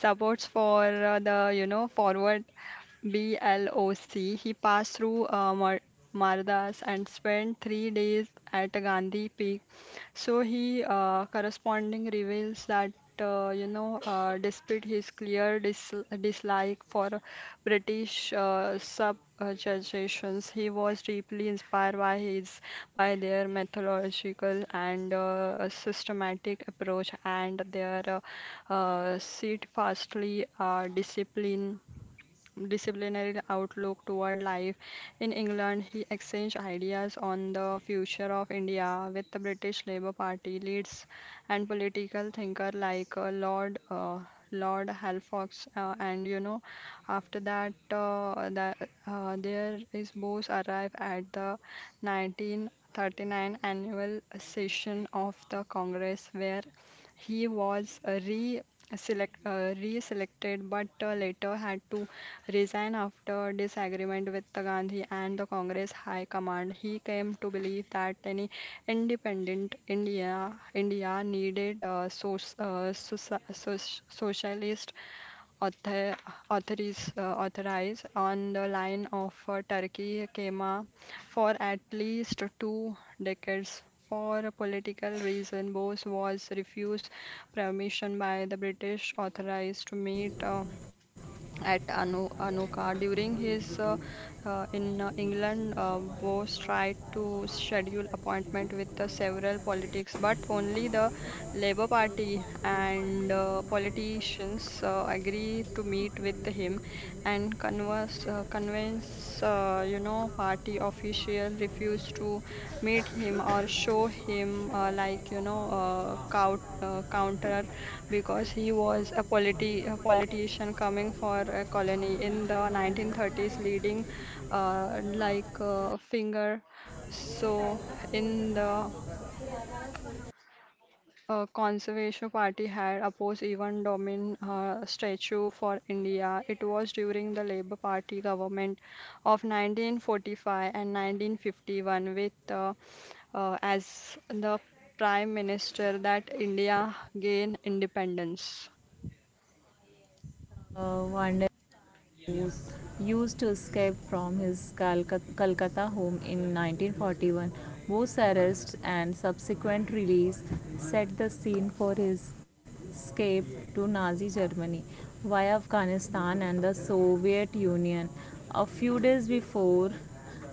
S1: supports for uh, the you know forward B L O C. He passed through uh, Mar Mardas and spent three days at Gandhi Peak. So he uh, corresponding reveals that uh, you know, uh, despite his clear dis dislike for British uh, subjugations, he was deeply inspired by his by their methodological and uh, systematic approach and their uh, uh, sit fastly, uh, discipline, disciplinary outlook toward life. In England, he exchanged ideas on the future of India with the British Labour Party leaders and political thinker like uh, Lord uh, Lord Halifax. Uh, and you know, after that, uh, the, uh, there is Bose arrived at the nineteen thirty-nine annual session of the Congress where he was uh, re select uh, re-selected but uh, later had to resign after disagreement with the Gandhi and the Congress High Command. He came to believe that any independent India India needed a source, uh, soci- soc- socialist author, authorize, uh, authorize on the line of uh, Turkey Kema for at least two decades. For a political reason, Bose was refused permission by the British authorities to meet uh, at Anu, Anuka. During his uh, uh, in uh, England, uh, Bose tried to schedule appointment with uh, several politics, but only the Labour Party and uh, politicians uh, agree to meet with him and converse, uh, convince uh, you know party official refused to meet him or show him uh, like you know uh, count, uh, counter because he was a politi a politician coming for a colony in the nineteen thirties, leading uh, like uh, Finger. So in the uh, Conservation Party had opposed even Domin uh, statue for India. It was during the Labour Party government of nineteen forty-five and nineteen fifty-one with uh, uh, as the prime minister that India gained independence.
S3: The Vanderbos used to escape from his Calcutta home in nineteen forty-one. Both arrests and subsequent release set the scene for his escape to Nazi Germany via Afghanistan and the Soviet Union. A few days before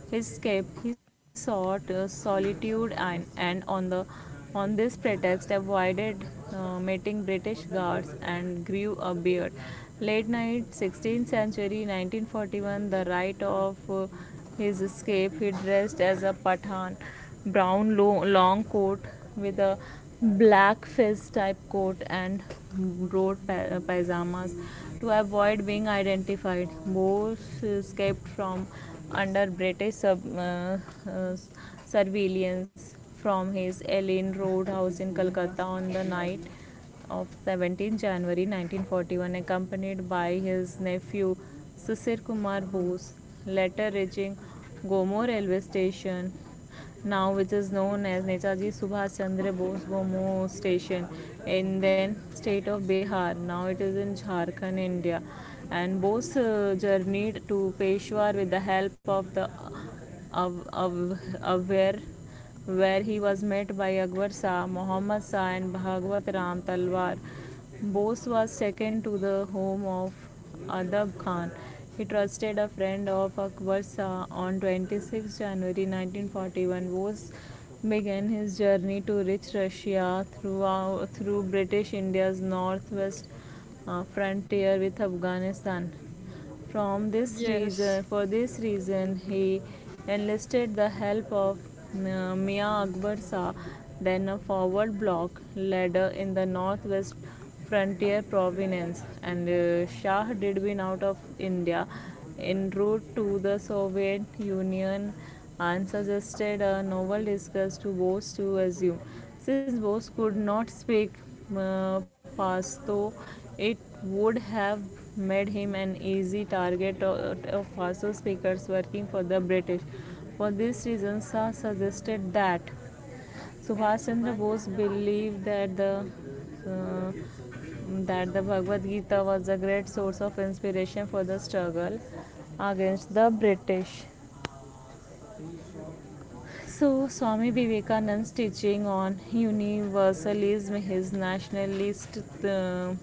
S3: his escape, he sought uh, solitude, and, and on the on this pretext avoided uh, meeting British guards and grew a beard. Late night, sixteenth century, nineteen forty-one, the night of uh, his escape, he dressed as a Pathan, brown lo- long coat with a black fez type coat and broad pa- uh, pajamas to avoid being identified. Bose escaped from under British sub, uh, uh, surveillance from his Ellein Road house in Calcutta on the night of seventeen January nineteen forty-one, accompanied by his nephew Sisir Kumar Bose, later reaching Gomor railway station, now which is known as Netaji Subhash Chandra Bose Bomo Station, in then state of Bihar. Now it is in Jharkhand, India. And Bose uh, journeyed to Peshawar with the help of the Av- Av- Avar, where he was met by Akbar Shah, Muhammad Shah, and Bhagwat Ram Talwar. Bose was taken to the home of Adab Khan. He trusted a friend of Akbar Shah on twenty-six January nineteen forty-one. Bose began his journey to reach Russia through through British India's northwest uh, frontier with Afghanistan. From this reason,
S1: Yes.
S3: for this reason, he enlisted the help of uh, Mia Akbar Shah, then a forward block leader in the northwest frontier province, and uh, Shah did win out of India en route to the Soviet Union and suggested a novel disguise to Bose to assume. Since Bose could not speak uh, Pashto, it would have made him an easy target of, of Pashto speakers working for the British. For this reason, Shah suggested that
S2: That
S3: Subhash Chandra
S2: Subhash
S3: Bose
S2: Chandra Bose.
S3: believed that the uh, that the Bhagavad Gita was a great source of inspiration for the struggle against the British. So, Swami Vivekananda's teaching on universalism, his nationalist uh,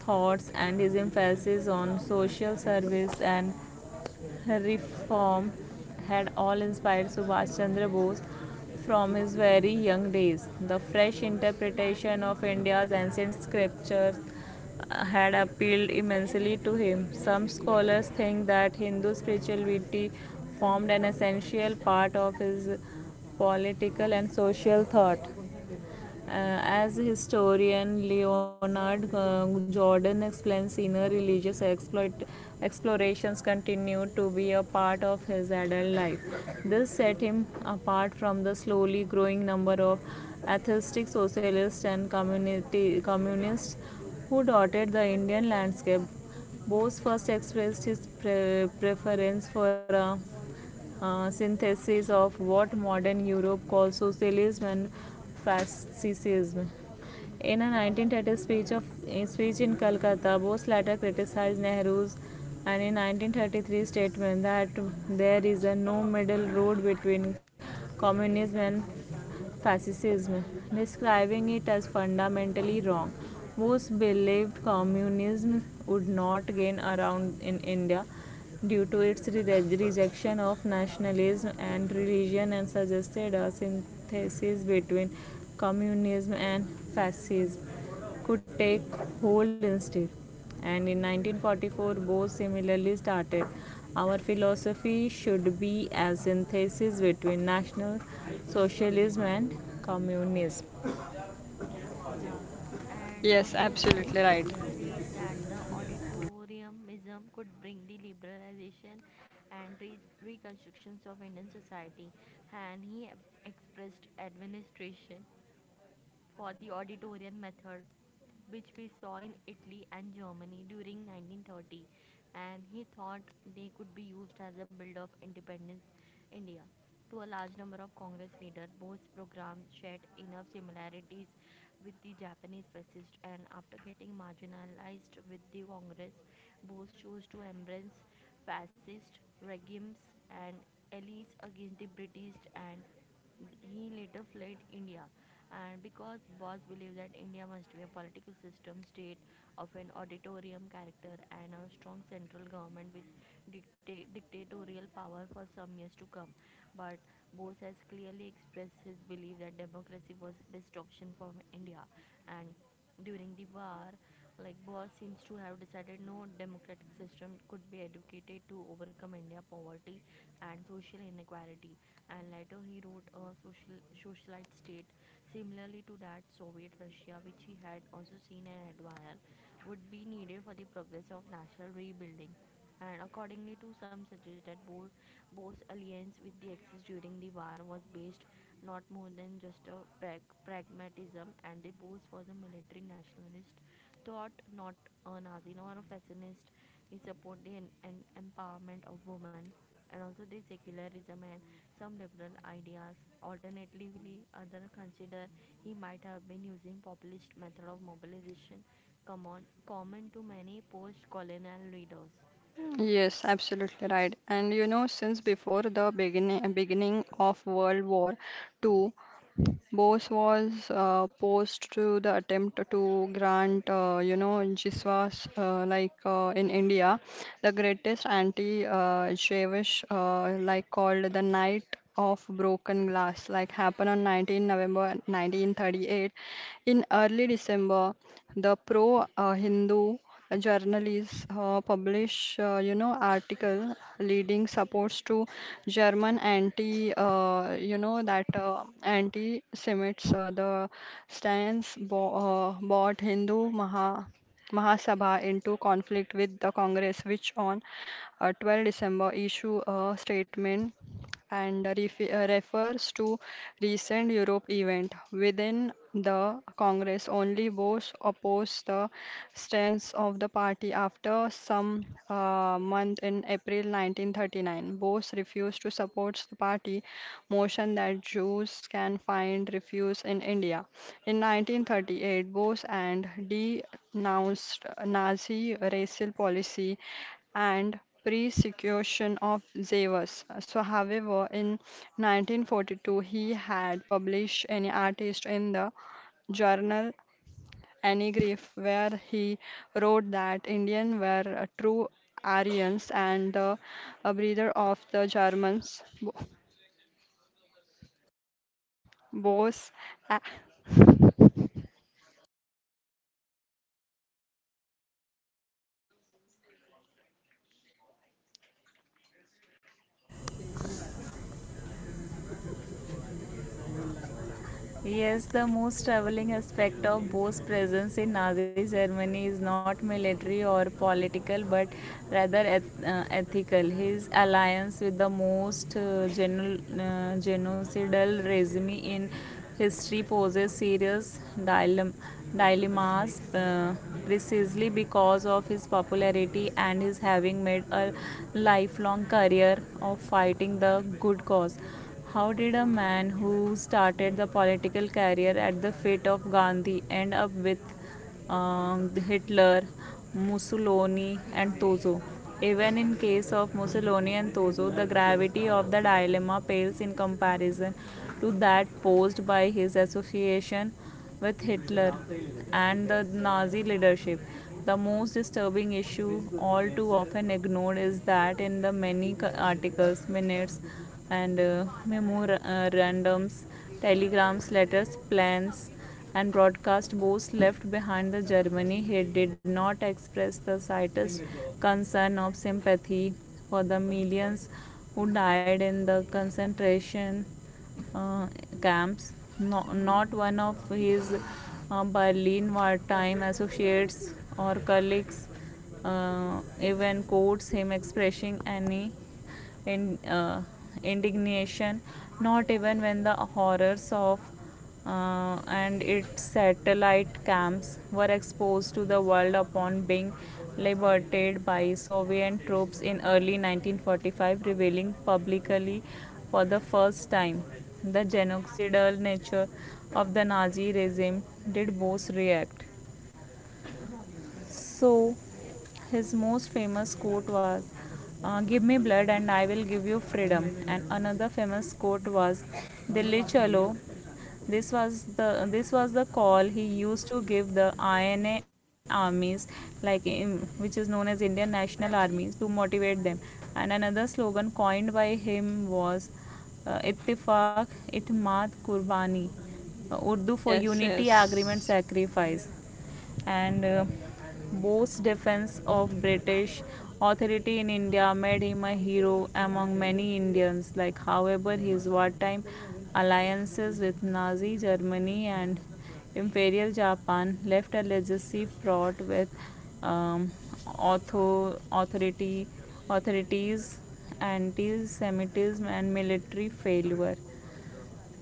S3: thoughts, and his emphasis on social service and reform had all inspired Subhash Chandra Bose from his very young days. The fresh interpretation of India's ancient scriptures had appealed immensely to him. Some scholars think that Hindu spirituality formed an essential part of his political and social thought. Uh, as historian Leonard uh, Jordan explains, inner religious exploit, explorations continued to be a part of his adult life. This set him apart from the slowly growing number of atheistic socialists and community, communists who dotted the Indian landscape. Bose first expressed his pre- preference for a uh, synthesis of what modern Europe calls socialism and fascism. In a nineteen thirty speech, of, uh, speech in Calcutta, Bose later criticized Nehru's and in nineteen thirty-three statement that there is a no middle road between communism and fascism, describing it as fundamentally wrong. Most believed communism would not gain around in India due to its rejection of nationalism and religion and suggested a synthesis between communism and fascism could take hold instead. And in nineteen forty-four, Bose similarly started, our philosophy should be a synthesis between National Socialism and Communism.
S2: Yeah, and uh,
S1: Yes,
S2: Bose
S1: absolutely
S2: also
S1: right.
S2: believed that the auditoriumism could bring the liberalization and re- reconstructions of Indian society, and he expressed administration for the auditorium method, which we saw in Italy and Germany during nineteen thirty, and he thought they could be used as a build of independence India. To a large number of Congress leaders, Bose's program shared enough similarities with the Japanese fascists, and after getting marginalized with the Congress, both chose to embrace fascist regimes and allies against the British, and he later fled India. And because Bose believed that India must be a political system state of an auditorium character and a strong central government with dicta- dictatorial power for some years to come, but Bose has clearly expressed his belief that democracy was best option for India. And during the war, like Bose seems to have decided no democratic system could be educated to overcome India poverty and social inequality. And later he wrote a social socialite state similarly to that Soviet Russia, which he had also seen and admired, would be needed for the progress of national rebuilding, and accordingly to some suggest that Bo- Boers' alliance with the Axis during the war was based not more than just a prag- pragmatism, and the Boers was a military nationalist thought, not a Nazi nor a fascist. He supported the en- en- empowerment of women and also the secularism and some liberal ideas. Alternatively, other consider he might have been using populist method of mobilization common, common to many post-colonial leaders.
S1: Yes, absolutely right. And you know, since before the beginning beginning of World War Two, Bose was uh, posed to the attempt to grant, uh, you know, Jiswas uh, like uh, in India, the greatest anti-Jewish uh, like called the Night of Broken Glass, like happened on the nineteenth of November nineteen thirty-eight. In early December, the pro-Hindu journalists uh, publish, uh, you know, article leading supports to German anti, uh, you know, that uh, anti-Semites. Uh, the stance bo uh, brought Hindu Maha Mahasabha into conflict with the Congress, which on uh, the twelfth of December issue a statement and ref uh, refers to recent Europe event within the Congress. Only both oppose the stance of the party after some uh, month in April nineteen thirty-nine. Both refused to support the party motion that Jews can find refuge in India. In nineteen thirty-eight, Bose and denounced Nazi racial policy and persecution of Zeus. So, however, in nineteen forty-two, he had published an artist in the journal Anigriff, where he wrote that Indians were uh, true Aryans and the uh, breather of the Germans. Bo- Bose. a-
S3: Yes, the most troubling aspect of Bo's presence in Nazi Germany is not military or political but rather eth- uh, ethical. His alliance with the most uh, geno- uh, genocidal regime in history poses serious dilem- dilemmas, uh, precisely because of his popularity and his having made a lifelong career of fighting the good cause. How did a man who started the political career at the feet of Gandhi end up with um, Hitler, Mussolini, and Tozo? Even in case of Mussolini and Tozo, the gravity of the dilemma pales in comparison to that posed by his association with Hitler and the Nazi leadership. The most disturbing issue, all too often ignored, is that in the many co- articles, minutes, and uh, memorandums, telegrams, letters, plans, and broadcast boasts left behind the Germany, he did not express the slightest concern of sympathy for the millions who died in the concentration uh, camps. No, not one of his uh, Berlin wartime associates or colleagues uh, even quotes him expressing any in, uh, indignation, not even when the horrors of uh, and its satellite camps were exposed to the world upon being liberated by Soviet troops in early nineteen forty-five, revealing publicly for the first time the genocidal nature of the Nazi regime. Did Bose react? So his most famous quote was, uh, "Give me blood and I will give you freedom." And another famous quote was, "Dilli chalo." This was the this was the call he used to give the I N A armies, like in, which is known as Indian National Armies, to motivate them. And another slogan coined by him was, uh, "Ittifaq, itmat, kurbani." Uh, Urdu for
S1: yes,
S3: unity, agreement,
S1: yes.
S3: sacrifice. And uh, Bose's defense of British authority in India made him a hero among many Indians. Like, however, his wartime alliances with Nazi Germany and Imperial Japan left a legacy fraught with um, author- authority authorities, anti-Semitism, and military failure.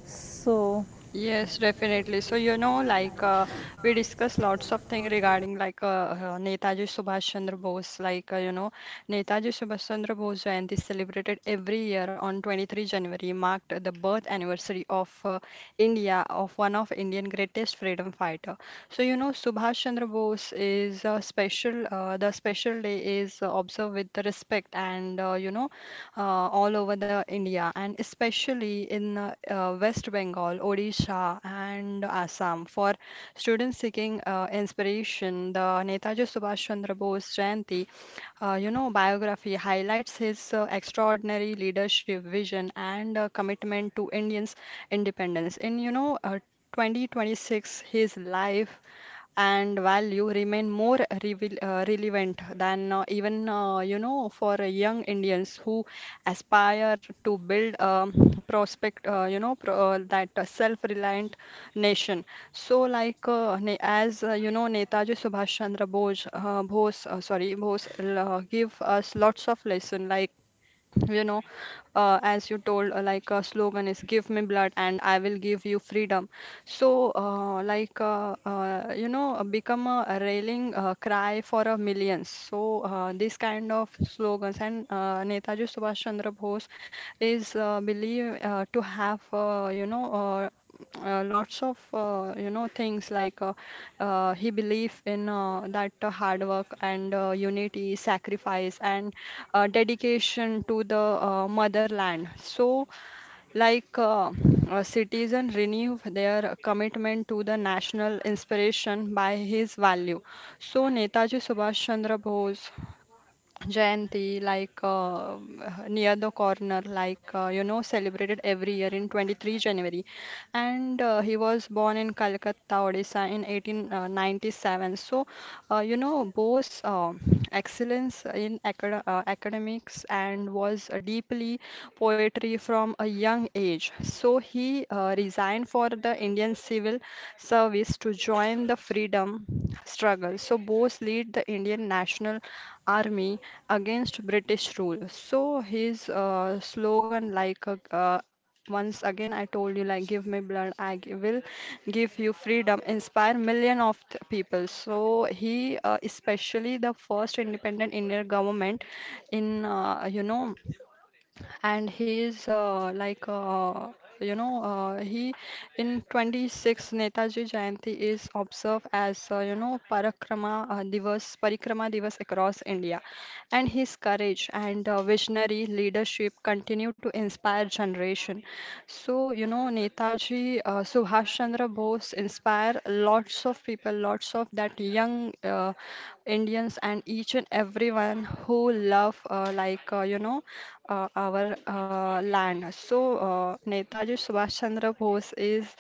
S3: So,
S1: Yes, definitely. So, you know, like uh, we discussed lots of things regarding like uh, uh, Netaji Subhash Chandra Bose. Like, uh, you know, Netaji Subhash Chandra Bose Jayanti celebrated every year on the twenty-third of January marked the birth anniversary of uh, India, of one of Indian greatest freedom fighter. So, you know, Subhash Chandra Bose is a special, uh, the special day is uh, observed with respect and, uh, you know, uh, all over the India and especially in uh, uh, West Bengal, Odisha, and Assam. For students seeking uh, inspiration, the Netaji Subhash Chandra Bose Jayanti, uh, you know, biography highlights his uh, extraordinary leadership, vision, and uh, commitment to Indians' independence. In you know. Uh, twenty twenty-six, his life and value remain more revel- uh, relevant than uh, even uh, you know for uh, young Indians who aspire to build um, prospect uh, you know pro- uh, that uh, self-reliant nation. So like uh, ne- as uh, you know Netaji Subhash Chandra Bose, uh, Bose uh, sorry Bose uh, give us lots of lesson like you know uh, as you told uh, like a slogan is give me blood and I will give you freedom. So uh, like uh, uh, you know uh, become a rallying uh, cry for a millions. So uh, this kind of slogans and uh, Netaji Subhash Chandra Bose is uh, believed uh, to have uh, you know uh, uh, lots of uh, you know things like uh, uh, he believed in uh, that uh, hard work and uh, unity, sacrifice and uh, dedication to the uh, motherland. So, like uh, uh, citizen renew their commitment to the national inspiration by his value. So, Netaji Subhash Chandra Bose Jayanti, like uh, near the corner, like uh, you know, celebrated every year in the twenty-third of January and uh, he was born in Calcutta, Odisha in eighteen ninety-seven. So, uh, you know, Bose uh, excellence in acad uh, academics and was uh, deeply poetry from a young age. So he uh, resigned for the Indian civil service to join the freedom struggle. So Bose lead the Indian National Army against British rule. So his uh, slogan like a, uh, once again, I told you, like, give me blood, I gi- will give you freedom, inspire million of th- people. So he, uh, especially the first independent Indian government in, uh, you know, and he is uh, like uh, you know uh, he in twenty-six Netaji Jayanti is observed as uh, you know Parakrama uh, Divas Parikrama Divas across India and his courage and uh, visionary leadership continue to inspire generation. So you know Netaji uh, Subhash Chandra Bose inspire lots of people, lots of that young uh, Indians and each and everyone who love uh, like uh, you know uh, our uh, land. So uh, Netaji Subhash Chandra Bose is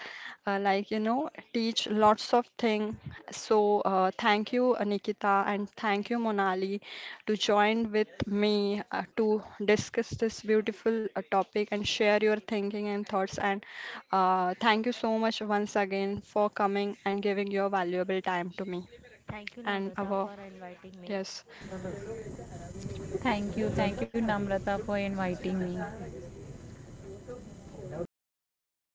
S1: uh, like you know teach lots of thing. So uh, thank you uh, Nikita and thank you Monali to join with me uh, to discuss this beautiful uh, topic and share your thinking and thoughts. And uh, thank you so much once again for coming and giving your valuable time to me
S2: Thank you,
S1: and
S2: Namrata, for
S1: our
S2: inviting me.
S1: yes.
S3: thank you, thank you, Namrata, for inviting me.